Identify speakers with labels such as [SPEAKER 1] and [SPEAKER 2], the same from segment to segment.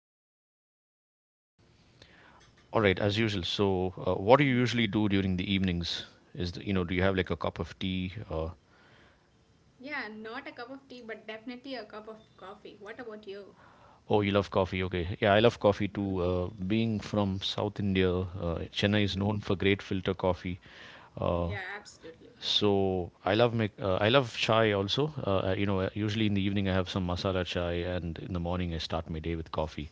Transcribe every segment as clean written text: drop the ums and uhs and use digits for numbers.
[SPEAKER 1] just as usual.
[SPEAKER 2] All right, as usual. So, what do you usually
[SPEAKER 1] Mhm.
[SPEAKER 2] do during the evenings? Is the, do you have like a cup of tea?
[SPEAKER 1] Yeah, not a cup of tea, but definitely a cup of coffee. What about you?
[SPEAKER 2] Oh, you love coffee. Okay. Yeah, I love coffee too.
[SPEAKER 1] Hmm.
[SPEAKER 2] Being from South India, Chennai is known
[SPEAKER 1] Hmm.
[SPEAKER 2] for great filter coffee. Uh,
[SPEAKER 1] Yeah, absolutely.
[SPEAKER 2] I love chai also. Usually in the evening I have some masala chai, and in the morning I start my day with coffee.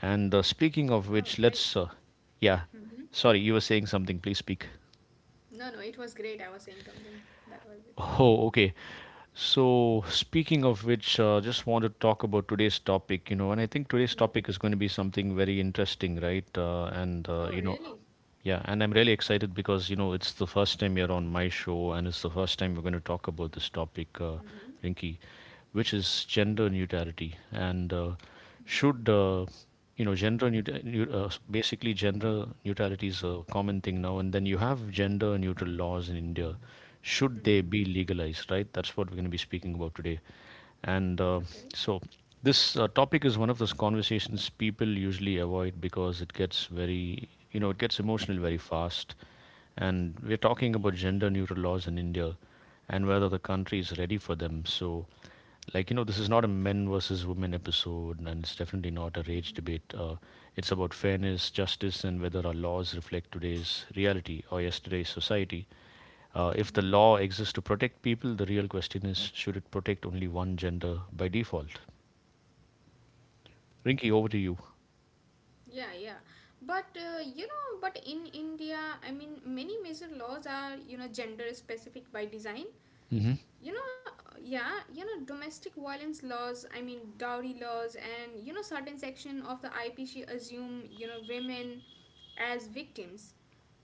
[SPEAKER 2] And Speaking of which,
[SPEAKER 1] Oh, great.
[SPEAKER 2] yeah,
[SPEAKER 1] Hmm.
[SPEAKER 2] sorry, you were saying something. Please speak.
[SPEAKER 1] No, no, it was great. I was saying something. That was it.
[SPEAKER 2] Oh, okay. So, speaking of which, just want to talk about today's topic, you know, and I think today's
[SPEAKER 1] Hmm.
[SPEAKER 2] topic is going to be something very interesting, right?
[SPEAKER 1] Oh, really?
[SPEAKER 2] Yeah, and I'm really excited because, you know, it's the first time you're on my show and it's the first time we're going to talk about this topic,
[SPEAKER 1] Hmm.
[SPEAKER 2] Rinky, which is gender neutrality. And, should
[SPEAKER 1] Hmm.
[SPEAKER 2] you know gender neut- Basically, gender neutrality is a common thing now, and then you have gender neutral laws in India. Should they
[SPEAKER 1] Hmm.
[SPEAKER 2] be legalized, right? That's what we're going to be speaking about today. And
[SPEAKER 1] Okay.
[SPEAKER 2] so this Topic is one of those conversations people usually avoid because it gets very, you know, it gets emotional very
[SPEAKER 1] Hmm.
[SPEAKER 2] fast. And we're talking about gender neutral laws in India and whether the country is ready for them. So, like, you know, this is not a men versus women episode, and it's definitely not a rage debate. It's about fairness, justice, and whether our laws reflect today's reality or yesterday's society. If the law
[SPEAKER 1] Hmm.
[SPEAKER 2] exists to protect people, the real question is, should it protect only one gender by default? Rinky, over to you.
[SPEAKER 1] Yeah. But you know, but in India, I mean, many major laws are, you know, gender specific by design.
[SPEAKER 2] Hmm.
[SPEAKER 1] You know, yeah, you know, domestic violence laws, I mean dowry laws, and you know certain section of the IPC assume, you know, women as victims.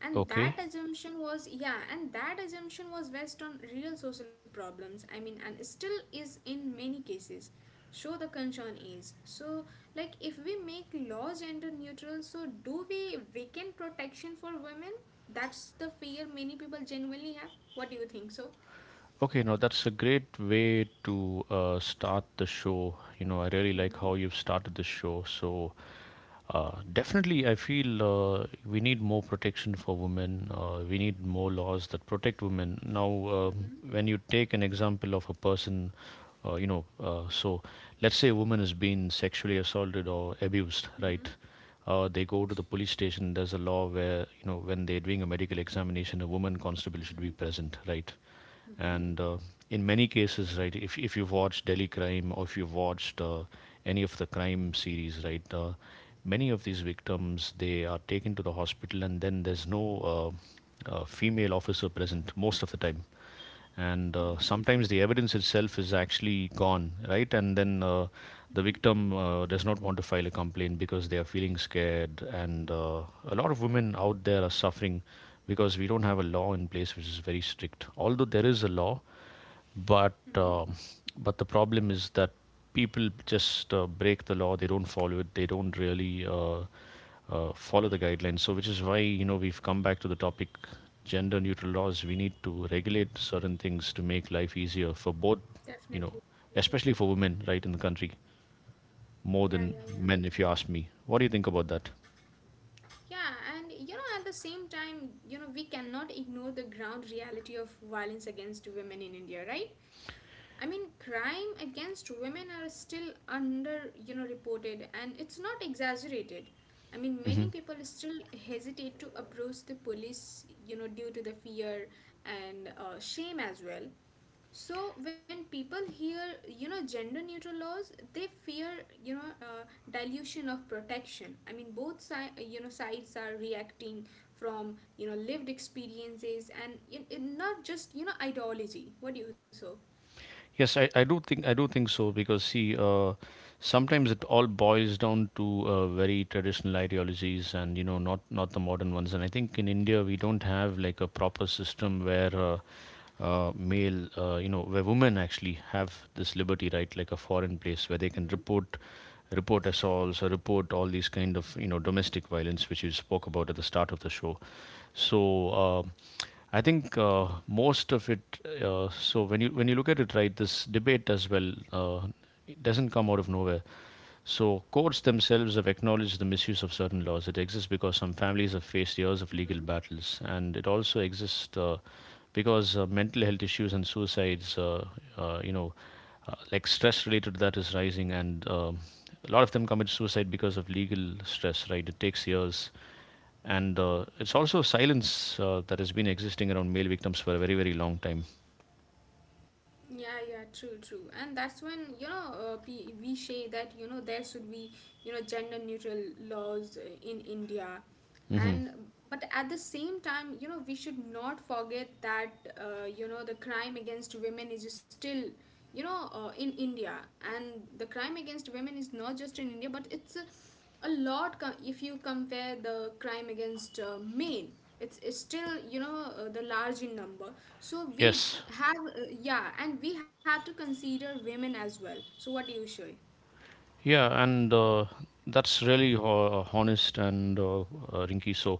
[SPEAKER 1] And that
[SPEAKER 2] Okay.
[SPEAKER 1] assumption was, yeah, and that assumption was based on real social problems, I mean, and still is in many cases. So the concern is, so like if we make laws gender neutral, so do we weaken protection for women? That's the fear many people genuinely have. What do you think, so?
[SPEAKER 2] Okay, now that's a great way to start the show. You know, I really like how you've started the show. So, definitely, I feel we need more protection for women. We need more laws that protect women. Um when you take an example of a person, uh, you know, uh, so let's say a woman has been sexually assaulted or abused, right? They go to the police station. There's a law where, you know, when they're doing a medical examination, a woman constable should be present, right? and In many cases, right, if you've watched Delhi Crime or if you've watched any of the crime series, right, many of these victims, they are taken to the hospital, and then there's no female officer present most of the time. And
[SPEAKER 1] Mm-hmm.
[SPEAKER 2] Sometimes the evidence itself is actually gone, right? and then The
[SPEAKER 1] Mm-hmm.
[SPEAKER 2] victim does not want to file a complaint because they are feeling scared, and a lot of women out there are suffering because we don't have a law in place which is very strict. Although there is a law, but
[SPEAKER 1] Mm-hmm.
[SPEAKER 2] um, but the problem is that people just break the law. They don't follow it. They don't really follow the guidelines. So, which is why, you know, we've come back to the topic, gender neutral laws. We need to regulate certain things to make life easier for both, you
[SPEAKER 1] Definitely.
[SPEAKER 2] know, especially for women, right, in the country, more
[SPEAKER 1] Yeah, yeah,
[SPEAKER 2] than
[SPEAKER 1] yeah.
[SPEAKER 2] men, if you ask me. What do you think about that?
[SPEAKER 1] Yeah, and you know, at the same time, you know, we cannot ignore the ground reality of violence against women in India, right? I mean, crime against women are still under, you know, reported, and it's not exaggerated. I mean, many
[SPEAKER 2] Hmm.
[SPEAKER 1] people still hesitate to approach the police, you know, due to the fear and shame as well. So when people hear, you know, gender neutral laws, they fear, you know, dilution of protection. I mean, you know, sides are reacting from, you know, lived experiences and, you know, not just, you know, ideology. What do you, so?
[SPEAKER 2] Yes, I do think, I do think so, because see, sometimes it all boils down to very traditional ideologies, and you know, not the modern ones. And I think in India we don't have like a proper system where where women actually have this liberty, right? Like a foreign place where they can
[SPEAKER 1] Mm-hmm.
[SPEAKER 2] report assaults or report all these kind of, you know, domestic violence, which you spoke about at the start of the show. so uh, I think most of it. So when you, when you look at it, right, this debate as well, it doesn't come out of nowhere. So courts themselves have acknowledged the misuse of certain laws. It exists because some families have faced years of legal
[SPEAKER 1] Mm-hmm.
[SPEAKER 2] battles, and it also exists because mental health issues and suicides, uh, you know, like stress related to that is rising, and a lot of them commit suicide because of legal stress, right? It takes years. And It's also silence that has been existing around male victims for a very, very long time.
[SPEAKER 1] Yeah, yeah, true, true. And that's when, you know, we say that, you know, there should be, you know, gender neutral laws in India.
[SPEAKER 2] Hmm.
[SPEAKER 1] And, but at the same time, you know, we should not forget that, you know, the crime against women is still, you know, in India. And the crime against women is not just in India, but it's if you compare the crime against male, it's still, you know, the large in number. So we
[SPEAKER 2] Yes.
[SPEAKER 1] have yeah, and we have to consider women as well. So what do you say?
[SPEAKER 2] Yeah, and that's really honest and Rinky. So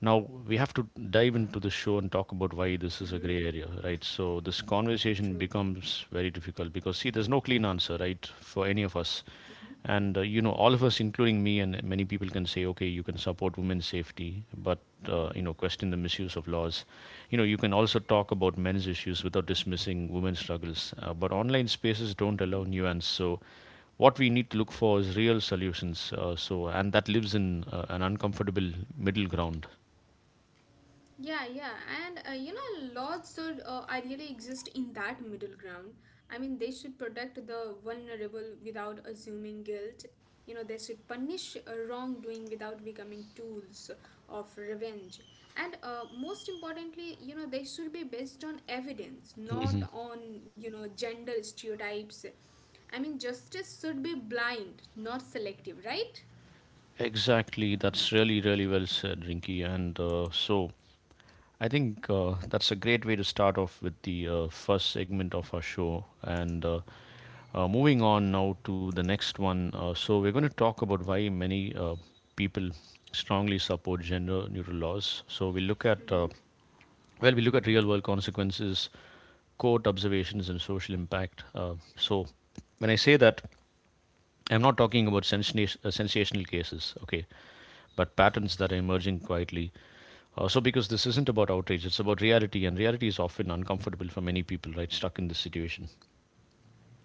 [SPEAKER 2] now we have to dive into the show and talk about why this is a gray
[SPEAKER 1] Mm-hmm.
[SPEAKER 2] area, right? So this conversation
[SPEAKER 1] True.
[SPEAKER 2] becomes very difficult, because see, there's no clean answer, right, for any of us. And You know, all of us, including me, and many people can say, okay, you can support women's safety, but you know,
[SPEAKER 1] Mm-hmm.
[SPEAKER 2] question the misuse of laws. You know, you can also talk about men's issues without dismissing women's struggles. But online spaces don't allow nuance, so what we need to look for is real solutions. And that lives in an uncomfortable middle ground.
[SPEAKER 1] Yeah, yeah, and you know, laws should ideally exist in that middle ground. I mean, they should protect the vulnerable without assuming guilt. You know, they should punish wrongdoing without becoming tools of revenge. And most importantly, you know, they should be based on evidence, not on, you know, gender stereotypes. I mean, justice should be blind, not selective, right?
[SPEAKER 2] Exactly, that's really, really well said, Rinki. I think that's a great way to start off with the first segment of our show. And Moving on now to the next one. We're going to talk about why many people strongly support gender neutral laws. So, we look at, uh,
[SPEAKER 1] Mm-hmm.
[SPEAKER 2] well, we look at real world consequences, court observations, and social impact. When I say that, I'm not talking about sensational cases, okay, but patterns that are emerging quietly. Also, because this isn't about outrage, it's about reality, and reality is often uncomfortable for many people, right? Stuck in this situation.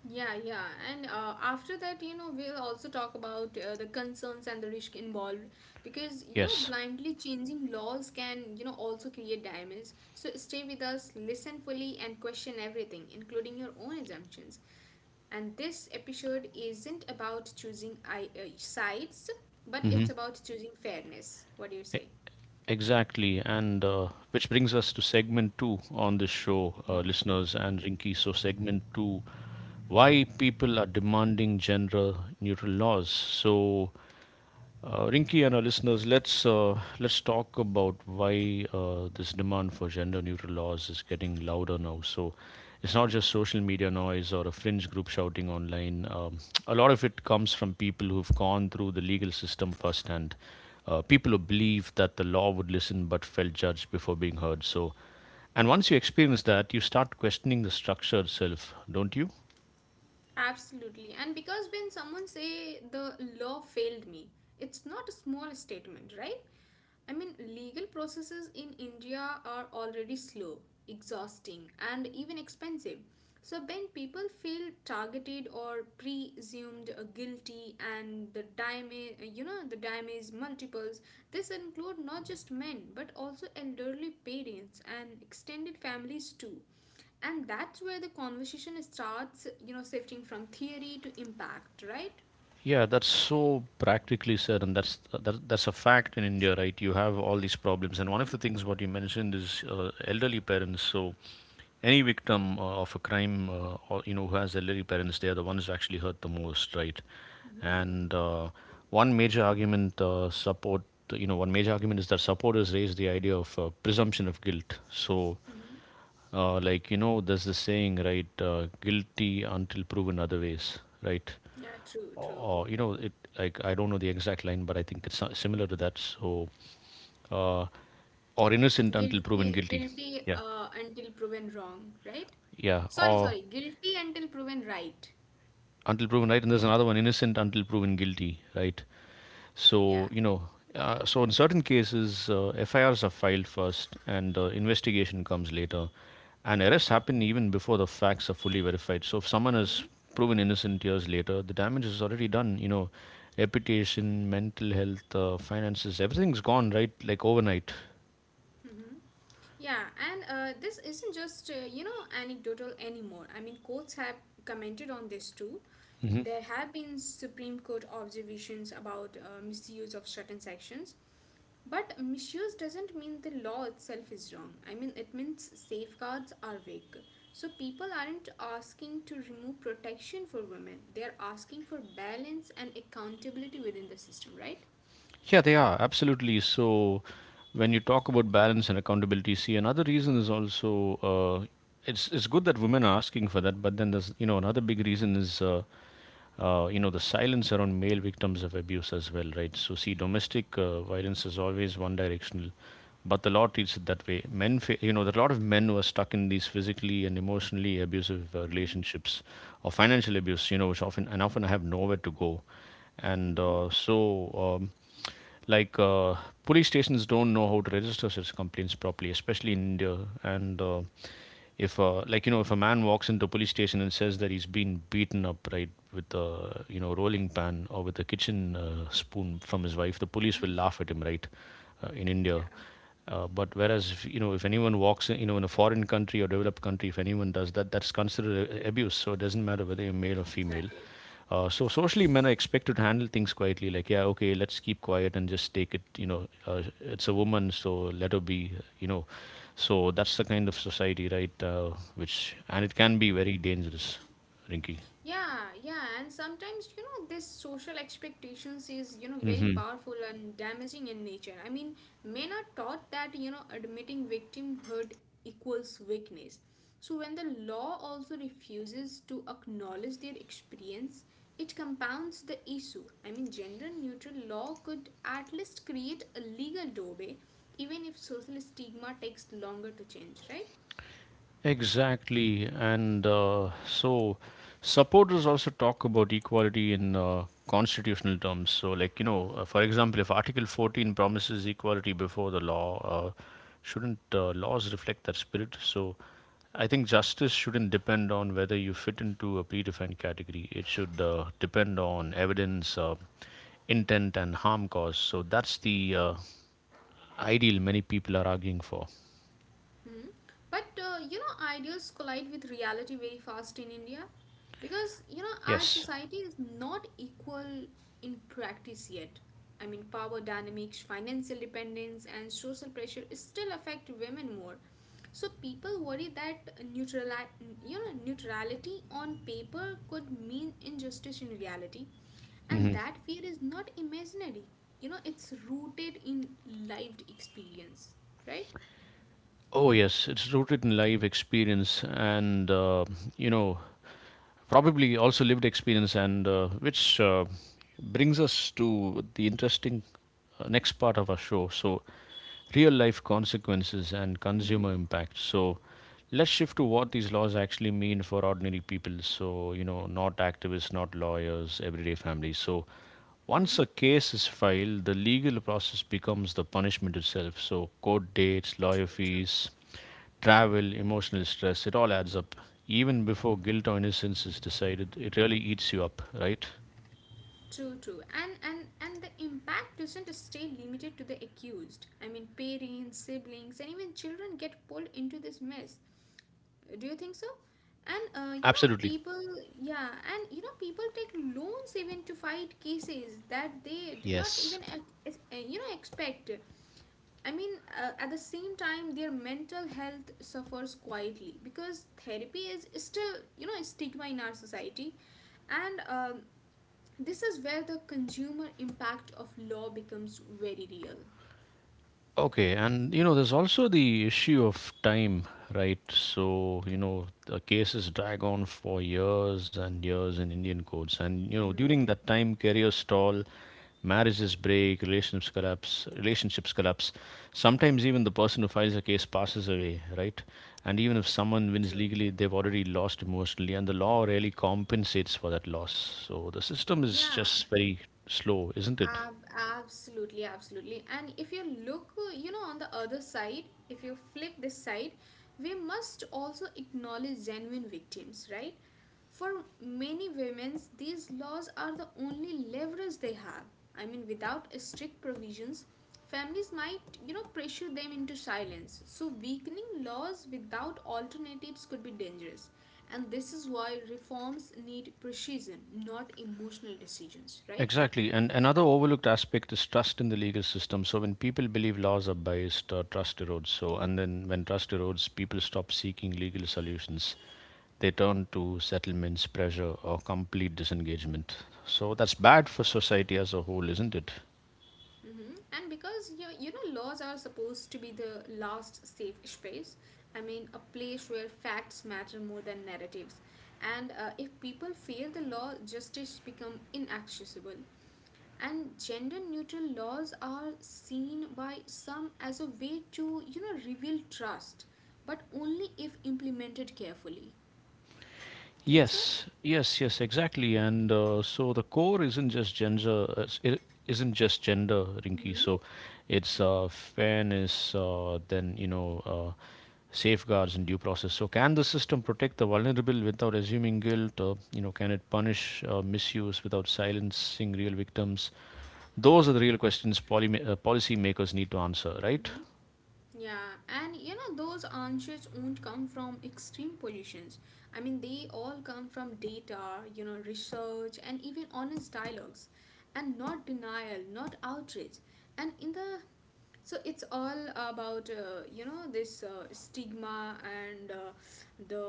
[SPEAKER 1] Yeah, yeah. And after that, you know, we'll also talk about the concerns and the risk involved because, you know,
[SPEAKER 2] Yes.
[SPEAKER 1] blindly changing laws can, you know, also create damage. So stay with us, listen fully, and question everything, including your own assumptions. And this episode isn't about choosing sides, but
[SPEAKER 2] Hmm.
[SPEAKER 1] it's about choosing fairness. What do you say?
[SPEAKER 2] Exactly. And Which brings us to segment two on this show, listeners and Rinky. So, segment two, why people are demanding gender neutral laws. So, Rinky and our listeners, let's talk about why this demand for gender-neutral laws is getting louder now. So it's not just social media noise or a fringe group shouting online. A lot of it comes from people who've gone through the legal system firsthand, people who believe that the law would listen but felt judged before being heard. So, and once you experience that, you start questioning the structure itself, don't you?
[SPEAKER 1] Absolutely. And because when someone say the law failed me, it's not a small statement, right? I mean, legal processes in India are already slow, exhausting, and even expensive. So when people feel targeted or presumed guilty, and the damage, you know, the damage multiples, this include not just men but also elderly parents and extended families too. And that's where the conversation starts, you know, shifting from theory to impact, right?
[SPEAKER 2] Yeah, that's so practically said, and that's a fact in India, right? You have all these problems, and one of
[SPEAKER 1] Hmm.
[SPEAKER 2] the things what you mentioned is elderly parents. So, any victim of a crime, or, you know, who has elderly parents, they are the ones who actually hurt the most, right?
[SPEAKER 1] Hmm.
[SPEAKER 2] And One major argument one major argument is that supporters raise the idea of presumption of guilt. So,
[SPEAKER 1] Hmm.
[SPEAKER 2] like you know, there's this saying, right? Guilty until proven otherwise, right?
[SPEAKER 1] Yeah, true, true.
[SPEAKER 2] Or, you know it, like I don't know the exact line, but I think it's similar to that. So, uh, or innocent until proven
[SPEAKER 1] Guilty,
[SPEAKER 2] guilty.
[SPEAKER 1] guilty
[SPEAKER 2] Yeah.
[SPEAKER 1] uh, until proven wrong, right?
[SPEAKER 2] Yeah,
[SPEAKER 1] Sorry,
[SPEAKER 2] or
[SPEAKER 1] sorry. Guilty until proven right.
[SPEAKER 2] until proven right, and there's another one, innocent until proven guilty, right?
[SPEAKER 1] Yeah.
[SPEAKER 2] So you know, so in certain cases, FIRs are filed first, and investigation comes later, and arrests happen even before the facts are fully verified. So if someone is proven innocent years later, the damage is already done. You know, reputation, mental health, finances, everything's gone right, like overnight.
[SPEAKER 1] Mm-hmm. Yeah, and this isn't just you know, anecdotal anymore. I mean, courts have commented on this too.
[SPEAKER 2] Mm-hmm.
[SPEAKER 1] There have been Supreme Court observations about misuse of certain sections, but misuse doesn't mean the law itself is wrong. I mean, it means safeguards are weak. So people aren't asking to remove protection for women. They're asking for balance and accountability within the system, right?
[SPEAKER 2] Yeah, they are absolutely. So, when you talk about balance and accountability, see, another reason is also it's good that women are asking for that, but then there's, you know, another big reason is you know, the silence around male victims of abuse as well, right? So, see, domestic violence is always one directional, but the law treats it that way. Men, fa- you know, There are a lot of men who are stuck in these physically and emotionally abusive relationships or financial abuse, you know, which often and often have nowhere to go, and
[SPEAKER 1] Mm-hmm.
[SPEAKER 2] so. Like uh, police stations don't know how to register such complaints properly, especially in India. And if like, you know, if a man walks into a police station and says that he's been beaten up, right, with a, you know, rolling pan or with a kitchen spoon from his wife, the
[SPEAKER 1] Mm-hmm.
[SPEAKER 2] police will laugh at him, right? In India.
[SPEAKER 1] Yeah,
[SPEAKER 2] But whereas if, you know, if anyone walks in, you know, in a foreign country or developed country, if anyone does that, that's considered abuse. So it doesn't matter whether you're male or female.
[SPEAKER 1] exactly.
[SPEAKER 2] So socially, men are expected to handle things quietly, like, yeah, okay, let's keep quiet and just take it. You know, it's a woman, so let her be. You know, so that's the kind of society, right? Which and it can be very dangerous, Rinky.
[SPEAKER 1] Yeah, yeah, and sometimes, you know, this social expectations is, you know, very
[SPEAKER 2] Hmm.
[SPEAKER 1] powerful and damaging in nature. I mean, men are taught that, you know, admitting victimhood equals weakness. So when the law also refuses to acknowledge their experience, it compounds the issue. I mean, gender neutral law could at least create a legal doorway, even if social stigma takes longer to change, right?
[SPEAKER 2] Exactly. And so supporters also talk about equality in constitutional terms. So, like, you know, for example, if Article 14 promises equality before the law, uh, shouldn't laws reflect that spirit? So, I think justice shouldn't depend on whether you fit into a predefined category. It should depend on evidence, intent, and harm caused. So, that's the ideal many people are arguing for.
[SPEAKER 1] Hmm. But you know, ideas collide with reality very fast in India because, you know, our
[SPEAKER 2] Yes.
[SPEAKER 1] society is not equal in practice yet. I mean, power dynamics, financial dependence, and social pressure still affect women more. So people worry that you know, neutrality on paper could mean injustice in reality, and that fear is not imaginary. You know, it's rooted in lived experience, right?
[SPEAKER 2] Oh, yes, it's rooted in live experience and, you know, probably also lived experience, and which brings us to the interesting next part of our show. So, real life consequences and consumer impact. So, let's shift to what these laws actually mean for ordinary people. So, you know, not activists, not lawyers, everyday families. So, once a
[SPEAKER 1] Hmm.
[SPEAKER 2] case is filed, the legal process becomes the punishment itself. So, court dates,
[SPEAKER 1] True,
[SPEAKER 2] lawyer
[SPEAKER 1] true.
[SPEAKER 2] fees, travel, emotional stress, it all adds up. Even before guilt or innocence is decided, it really eats you up, right?
[SPEAKER 1] True, true. And the impact doesn't stay limited to the accused. I mean, parents, siblings, and even children get pulled into this mess. Do you think so? And you know,
[SPEAKER 2] Absolutely.
[SPEAKER 1] people, yeah, and you know, people take loans even to fight cases that they did not
[SPEAKER 2] Yes.
[SPEAKER 1] even, you know, expect. I mean, at the same time, their mental health suffers quietly because therapy is still, you know, a stigma in our society. And this is where the consumer impact of law becomes very real.
[SPEAKER 2] Okay, and you know, there's also the issue of time, right? So, you know, the cases drag on for years and years in Indian courts. And, you know, during that time, careers stall, marriages break, relationships collapse. Sometimes even the person who files a case passes away, right? And even if someone
[SPEAKER 1] True,
[SPEAKER 2] wins
[SPEAKER 1] true.
[SPEAKER 2] legally, they've already lost emotionally, and the law rarely compensates for that loss. So the system is
[SPEAKER 1] Yeah,
[SPEAKER 2] just very slow, isn't it?
[SPEAKER 1] Ab- absolutely, absolutely. And if you look, you know, on the other side, if you flip this side, we must also acknowledge genuine victims, right? For many women, these laws are the only leverage they have. I mean, without strict provisions, families might, you know, pressure them into silence. So, weakening laws without alternatives could be dangerous. And this is why reforms need precision, not emotional decisions, right?
[SPEAKER 2] Exactly. And another overlooked aspect is trust in the legal system. So when people believe laws are biased, trust erodes. So and then when trust erodes, people stop seeking legal solutions. They turn to settlements, pressure, or complete disengagement. So that's bad for society as a whole, isn't it?
[SPEAKER 1] Hmm. And because you know, laws are supposed to be the last safe space, I mean a place where facts matter more than narratives. And if people fear the law, justice become inaccessible. And gender neutral laws are seen by some as a way to, you know, reveal trust, but only if implemented carefully. Think so?
[SPEAKER 2] Yes, yes, yes, exactly. And so the core isn't just gender, it isn't just gender, Rinky.
[SPEAKER 1] Mm-hmm.
[SPEAKER 2] So it's fairness, then you know, uh, safeguards and due process. So can the system protect the vulnerable without assuming guilt? Or, you know, can it punish misuse without silencing real victims? Those are the real questions policymakers need to answer, right?
[SPEAKER 1] Mm-hmm. Yeah, and you know, those answers won't come from extreme positions. I mean, they all come from data, you know, research, and even honest dialogues, and not denial, not outrage. And in the, so it's all about you know, this stigma and the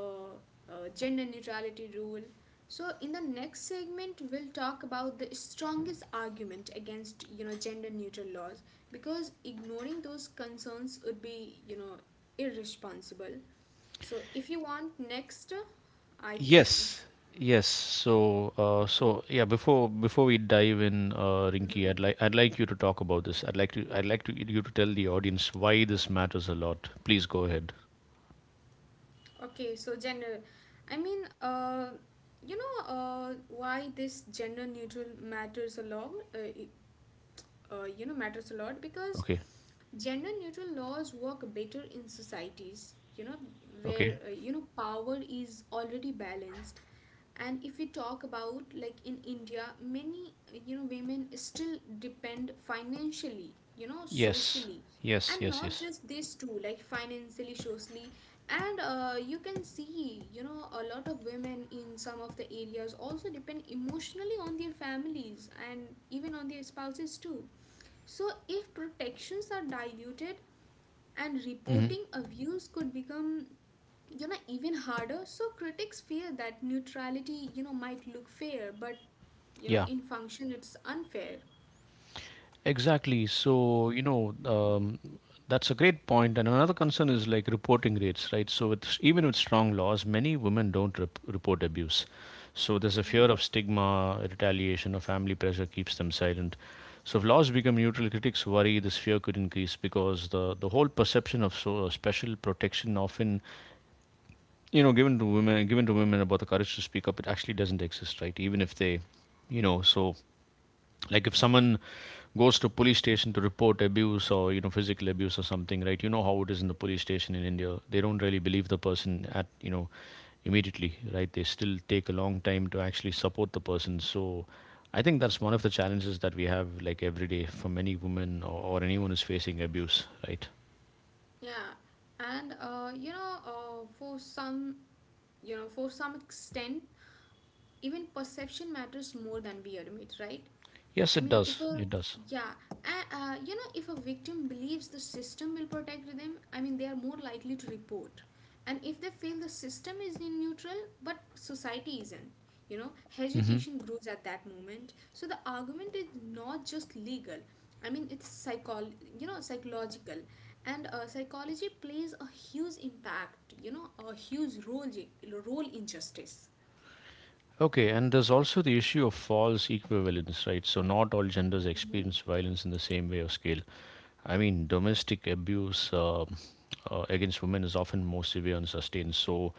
[SPEAKER 1] gender neutrality rule. So in the next segment we'll talk about the strongest argument against, you know, gender neutral laws because ignoring those concerns would be, you know, irresponsible. So if you want next, I can.
[SPEAKER 2] Yes, yes. So yeah. Before we dive in, Rinky,
[SPEAKER 1] Hmm.
[SPEAKER 2] I'd like you to talk about this. I'd like to you to tell the audience why this matters a lot. Please go ahead.
[SPEAKER 1] Okay, so gender, I mean, you know, why this gender neutral matters a lot, you know, matters a lot because
[SPEAKER 2] Okay.
[SPEAKER 1] gender neutral laws work better in societies, you know,
[SPEAKER 2] Okay.
[SPEAKER 1] where you know, power is already balanced. And if we talk about like in India, many you know, women still depend financially, you know,
[SPEAKER 2] Yes.
[SPEAKER 1] socially,
[SPEAKER 2] Yes.
[SPEAKER 1] and
[SPEAKER 2] Yes.
[SPEAKER 1] not
[SPEAKER 2] Yes.
[SPEAKER 1] just this too, like financially, socially. And you can see, you know, a lot of women in some of the areas also depend emotionally on their families and even on their spouses too. So if protections are diluted and
[SPEAKER 2] Hmm.
[SPEAKER 1] reporting abuse could become, you know, even harder, so critics fear that neutrality, you know, might look fair, but you know,
[SPEAKER 2] Yeah.
[SPEAKER 1] in function it's unfair.
[SPEAKER 2] Exactly. So, you know, that's a great point. And another concern is like reporting rates, right? So, with, even with strong laws, many women don't report abuse. So, there's a fear of stigma, retaliation, or family pressure keeps them silent. So, if laws become neutral, critics worry this fear could increase because the whole perception of so special protection often, you know, given to women about the courage to speak up, it actually doesn't exist, right? Even if they, you know, so like if someone goes to police station to report abuse, or you know, physical abuse or something, right? You know how it is in the
[SPEAKER 1] Mhm.
[SPEAKER 2] police station in India, they don't really believe the person at, you know, immediately, right? They still take a long time to actually support the person. So I think that's one of the challenges that we have, like every day, from any woman, or anyone who's facing abuse, right?
[SPEAKER 1] Yeah, and you know, for some, you know, for some extent, even perception matters more than we admit, right?
[SPEAKER 2] yes
[SPEAKER 1] I
[SPEAKER 2] it
[SPEAKER 1] mean, if
[SPEAKER 2] does
[SPEAKER 1] a
[SPEAKER 2] it does
[SPEAKER 1] yeah, you know, if a victim believes the system will protect them, I mean they are more likely to report. And if they feel the system is in neutral but society isn't, you know,
[SPEAKER 2] Hmm.
[SPEAKER 1] hesitation grows at that moment. So the argument is not just legal, I mean, it's psychol you know, psychological. And psychology plays a huge impact, you know, a huge role in justice.
[SPEAKER 2] Okay, and there's also the issue of false equivalence, right? So, not all genders experience violence in the same way or scale. I mean, domestic abuse, against women is often more severe and sustained. So,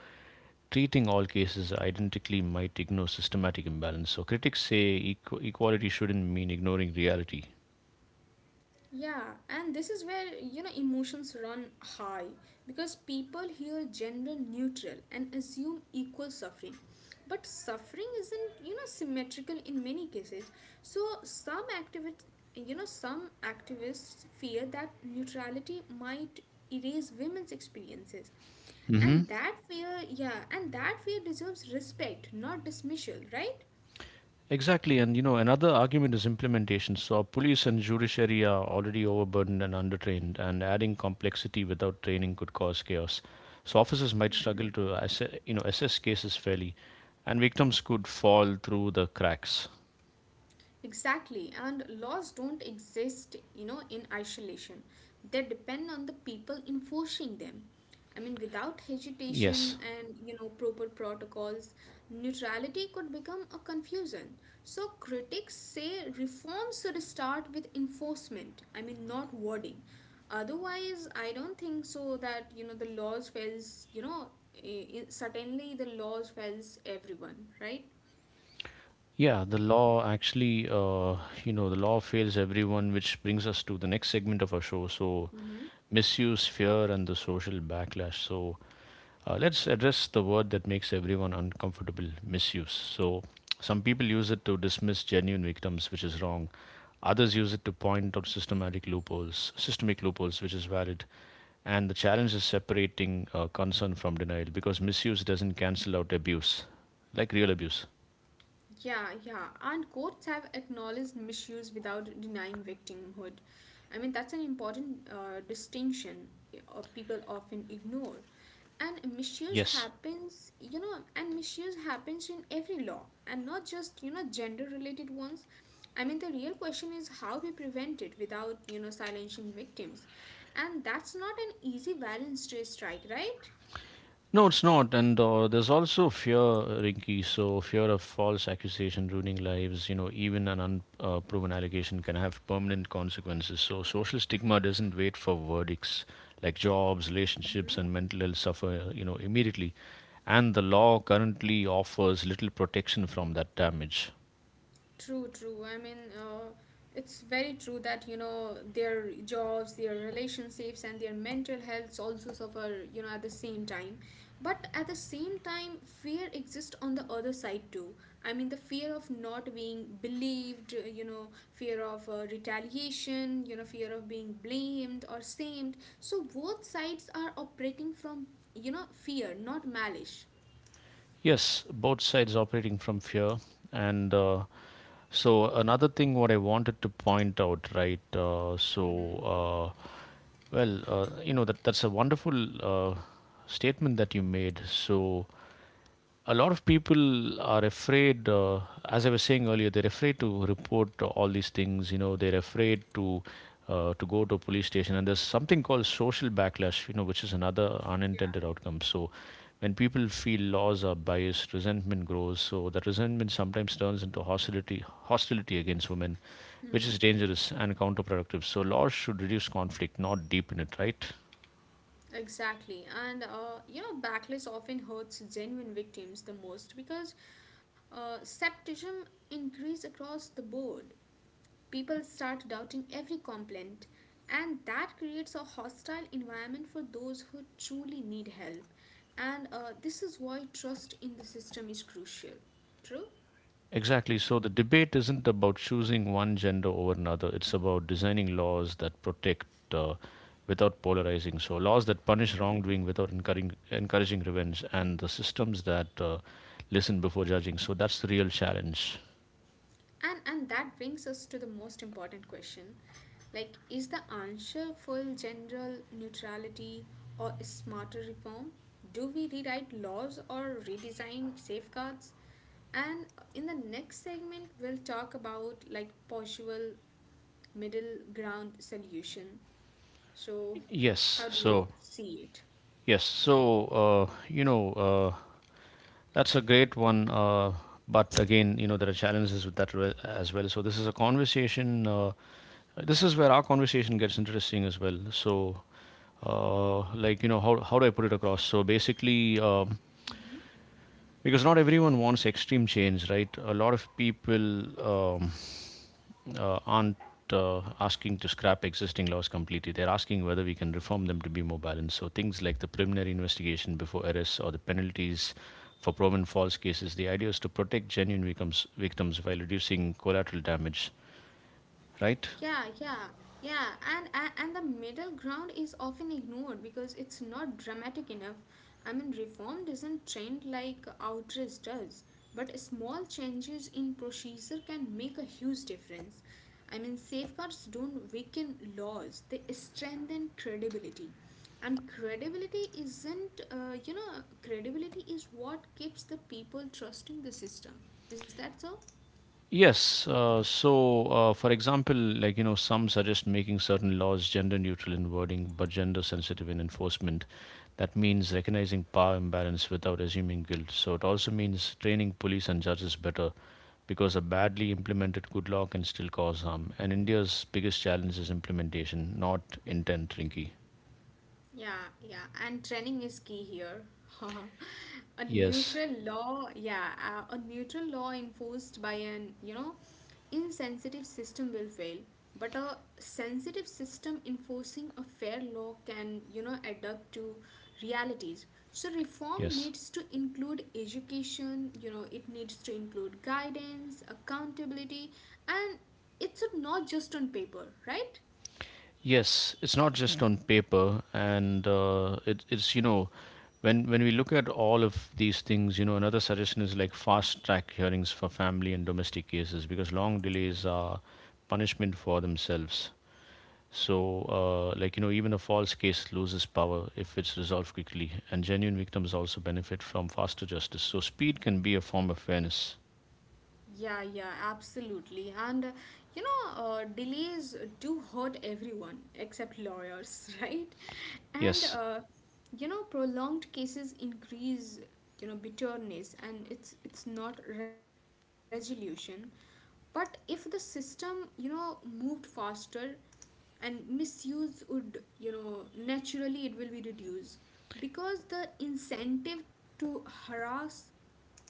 [SPEAKER 2] treating all cases identically might ignore systematic imbalance. So, critics say equality shouldn't mean ignoring reality.
[SPEAKER 1] Yeah, and this is where, you know, emotions run high because people hear gender neutral and assume equal suffering. But suffering isn't, you know, symmetrical in many cases. So some activists you know, some activists fear that neutrality might erase women's experiences.
[SPEAKER 2] Hmm.
[SPEAKER 1] And yeah, and that fear deserves respect, not dismissal, right?
[SPEAKER 2] Exactly, and you know another argument is implementation. So police and judiciary are already overburdened and undertrained, and adding complexity without training could cause chaos. So officers might struggle to you know, assess cases fairly, and victims could fall through the cracks.
[SPEAKER 1] Exactly, and laws don't exist, you know, in isolation. They depend on the people enforcing them. I mean, without
[SPEAKER 2] Yes.
[SPEAKER 1] hesitation and, you know, proper protocols, neutrality could become a confusion. So critics say reforms should start with enforcement, I mean, not wording. Otherwise, I don't think so that, you know, the laws fails, you know, certainly the laws fails everyone, right?
[SPEAKER 2] Yeah, the law actually, you know, the law fails everyone, which brings us to the next segment of our show. So, misuse, fear, and the social backlash. So, let's address the word that makes everyone uncomfortable: misuse. So, some people use it to dismiss genuine victims, which is wrong. Others use it to point out systematic loopholes, systemic loopholes, which is valid. And the challenge is separating concern from denial, because misuse doesn't cancel out abuse, like real abuse.
[SPEAKER 1] Yeah, yeah. And courts have acknowledged misuse without denying victimhood. I mean, that's an important distinction people often ignore. And misuse
[SPEAKER 2] Yes.
[SPEAKER 1] happens, you know, and misuse happens in every law and not just, you know, gender related ones. I mean, the real question is how we prevent it without, you know, silencing victims. And that's not an easy balance to strike, right?
[SPEAKER 2] No, it's not. And There's also fear, Rinky. So, fear of false accusation ruining lives, you know, even an unproven allegation can have permanent consequences. So, social stigma doesn't wait for verdicts, like jobs, relationships, and mental health suffer, you know, immediately. And the law currently offers little protection from that damage.
[SPEAKER 1] True, true. I mean, it's very true that, you know, their jobs, their relationships, and their mental health also suffer, you know, at the same time. But at the same time, fear exists on the other side too. I mean, the fear of not being believed, you know, fear of retaliation, you know, fear of being blamed or shamed. So both sides are operating from, you know, fear, not malice.
[SPEAKER 2] Yes, both sides operating from fear. And So another thing what I wanted to point out, right?
[SPEAKER 1] Mm-hmm.
[SPEAKER 2] You know that that's a wonderful uh, statement that you made. So a lot of people are afraid, as I was saying earlier, they're afraid to report all these things. You know, they're afraid to go to a police station. And there's something called social backlash, you know, which is another unintended outcome. So when people feel laws are biased, resentment grows. So that resentment sometimes turns into hostility, hostility against women,
[SPEAKER 1] Yeah.
[SPEAKER 2] which is dangerous and counterproductive. So laws should reduce conflict, not deepen it, right?
[SPEAKER 1] Exactly. And, you know, backlash often hurts genuine victims the most because scepticism increased across the board. People start doubting every complaint, and that creates a hostile environment for those who truly need help. And this is why trust in the system is crucial. True?
[SPEAKER 2] Exactly. So the debate isn't about choosing one gender over another. It's about designing laws that protect uh, without polarizing. So laws that punish wrongdoing without encouraging revenge, and the systems that listen before judging. So that's the real challenge.
[SPEAKER 1] And that brings us to the most important question. Like is the answer for general neutrality or smarter reform? Do we rewrite laws or redesign safeguards? And in the next segment we'll talk about like possible middle ground solution. So
[SPEAKER 2] Yes.
[SPEAKER 1] how do you
[SPEAKER 2] So
[SPEAKER 1] see it?
[SPEAKER 2] yes. So you know, that's a great one. But again, you know, there are challenges with that as well. So this is a conversation, this is where our conversation gets interesting as well. So, like you know, how do I put it across? So basically, because not everyone wants extreme change, right? A lot of people aren't asking to scrap existing laws completely. They're asking whether we can reform them to be more balanced. So things like the preliminary investigation before arrest or the penalties for proven false cases. The idea is to protect genuine victims, victims, while reducing collateral damage, right?
[SPEAKER 1] Yeah, yeah, yeah, and and the middle ground is often ignored because it's not dramatic enough. I mean, reform doesn't trend like outrage does, but small changes in procedure can make a huge difference. I mean, safeguards don't weaken laws; they strengthen credibility, and credibility isn't, you know, credibility is what keeps the people trusting the system. Is that so?
[SPEAKER 2] Yes. For example, like, you know, some suggest making certain laws gender neutral in wording but gender sensitive in enforcement. That means recognizing power imbalance without assuming guilt. So, it also means training police and judges better, because a badly implemented good law can still cause harm. And India's biggest challenge is implementation, not intent, Rinky.
[SPEAKER 1] Yeah, yeah, and training is key here.
[SPEAKER 2] Yes.
[SPEAKER 1] Yeah, a neutral law enforced by an, you know, insensitive system will fail. But a sensitive system enforcing a fair law can, you know, adapt to realities. So reform
[SPEAKER 2] Yes.
[SPEAKER 1] needs to include education, you know, it needs to include guidance, accountability, and it's not just on paper, right?
[SPEAKER 2] Yes, it's not just on paper, and it, it's you know, when we look at all of these things, you know, another suggestion is like fast track hearings for family and domestic cases, because long delays are punishment for themselves. So, like you know, even a false case loses power if it's resolved quickly, and genuine victims also benefit from faster justice. So, speed can be a form of fairness.
[SPEAKER 1] Yeah, yeah, absolutely. And you know, delays do hurt everyone except lawyers, right? And
[SPEAKER 2] Yes.
[SPEAKER 1] you know, prolonged cases increase, you know, bitterness, and it's not resolution. But if the system, you know, moved faster, and misuse would, you know, naturally it will be reduced because the incentive to harass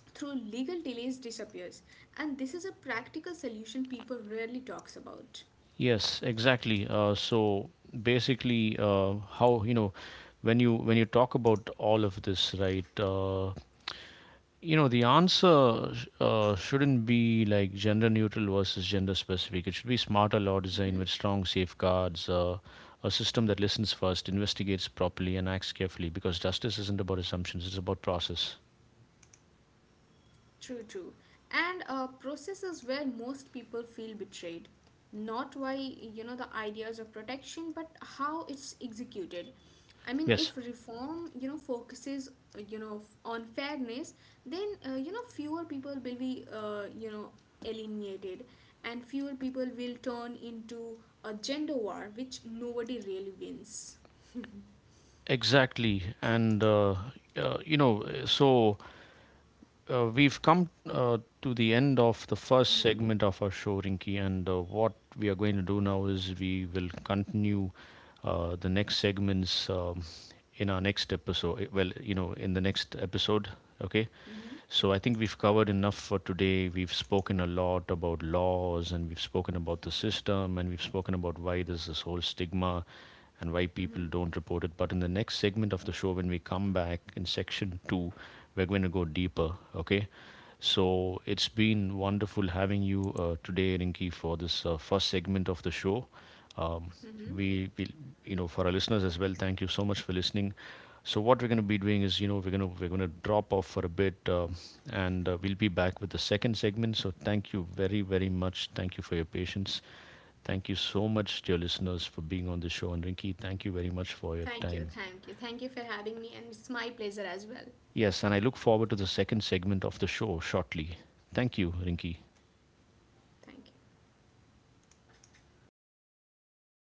[SPEAKER 1] through legal delays disappears. And this is a practical solution people rarely talks about.
[SPEAKER 2] Yes, exactly. So basically, how you know, when you talk about all of this, right? You know, the answer shouldn't be like gender neutral versus gender specific. It should be smarter law design with strong safeguards, a system that listens first, investigates properly, and acts carefully. Because justice isn't about assumptions; it's about process.
[SPEAKER 1] True, true. And processes where most people feel betrayed, not why, you know, the ideas of protection, but how it's executed. I mean,
[SPEAKER 2] Yes,
[SPEAKER 1] if reform, you know, focuses you know, on fairness, then you know, fewer people will be you know, alienated, and fewer people will turn into a gender war which nobody really wins.
[SPEAKER 2] exactly. And You know, so we've come to the end of the first
[SPEAKER 1] Mhm,
[SPEAKER 2] segment of our show, Rinky, and what we are going to do now is we will continue the next segments in our next episode. Well, you know, in the next episode, okay?
[SPEAKER 1] mhm,
[SPEAKER 2] So I think we've covered enough for today. We've spoken a lot about laws and we've spoken about the system and we've spoken about why there's this whole stigma and why people
[SPEAKER 1] mhm,
[SPEAKER 2] don't report it. But in the next segment of the show, when we come back in section two, we're going to go deeper, okay? So it's been wonderful having you today, Rinki, for this first segment of the show. Um,
[SPEAKER 1] mhm.
[SPEAKER 2] we, we, you know, for our listeners as well, thank you so much for listening. So what we're going to be doing is, you know, we're going to drop off for a bit. And We'll be back with the second segment. So, thank you very, very much. Thank you for your patience. Thank you so much, dear listeners, for being on the show. And Rinki, thank you very much for your
[SPEAKER 1] Thank you,
[SPEAKER 2] time.
[SPEAKER 1] thank you. Thank you for having me, and it's my pleasure as well.
[SPEAKER 2] Yes, and I look forward to the second segment of the show shortly. Thank you, Rinki.
[SPEAKER 1] Thank you.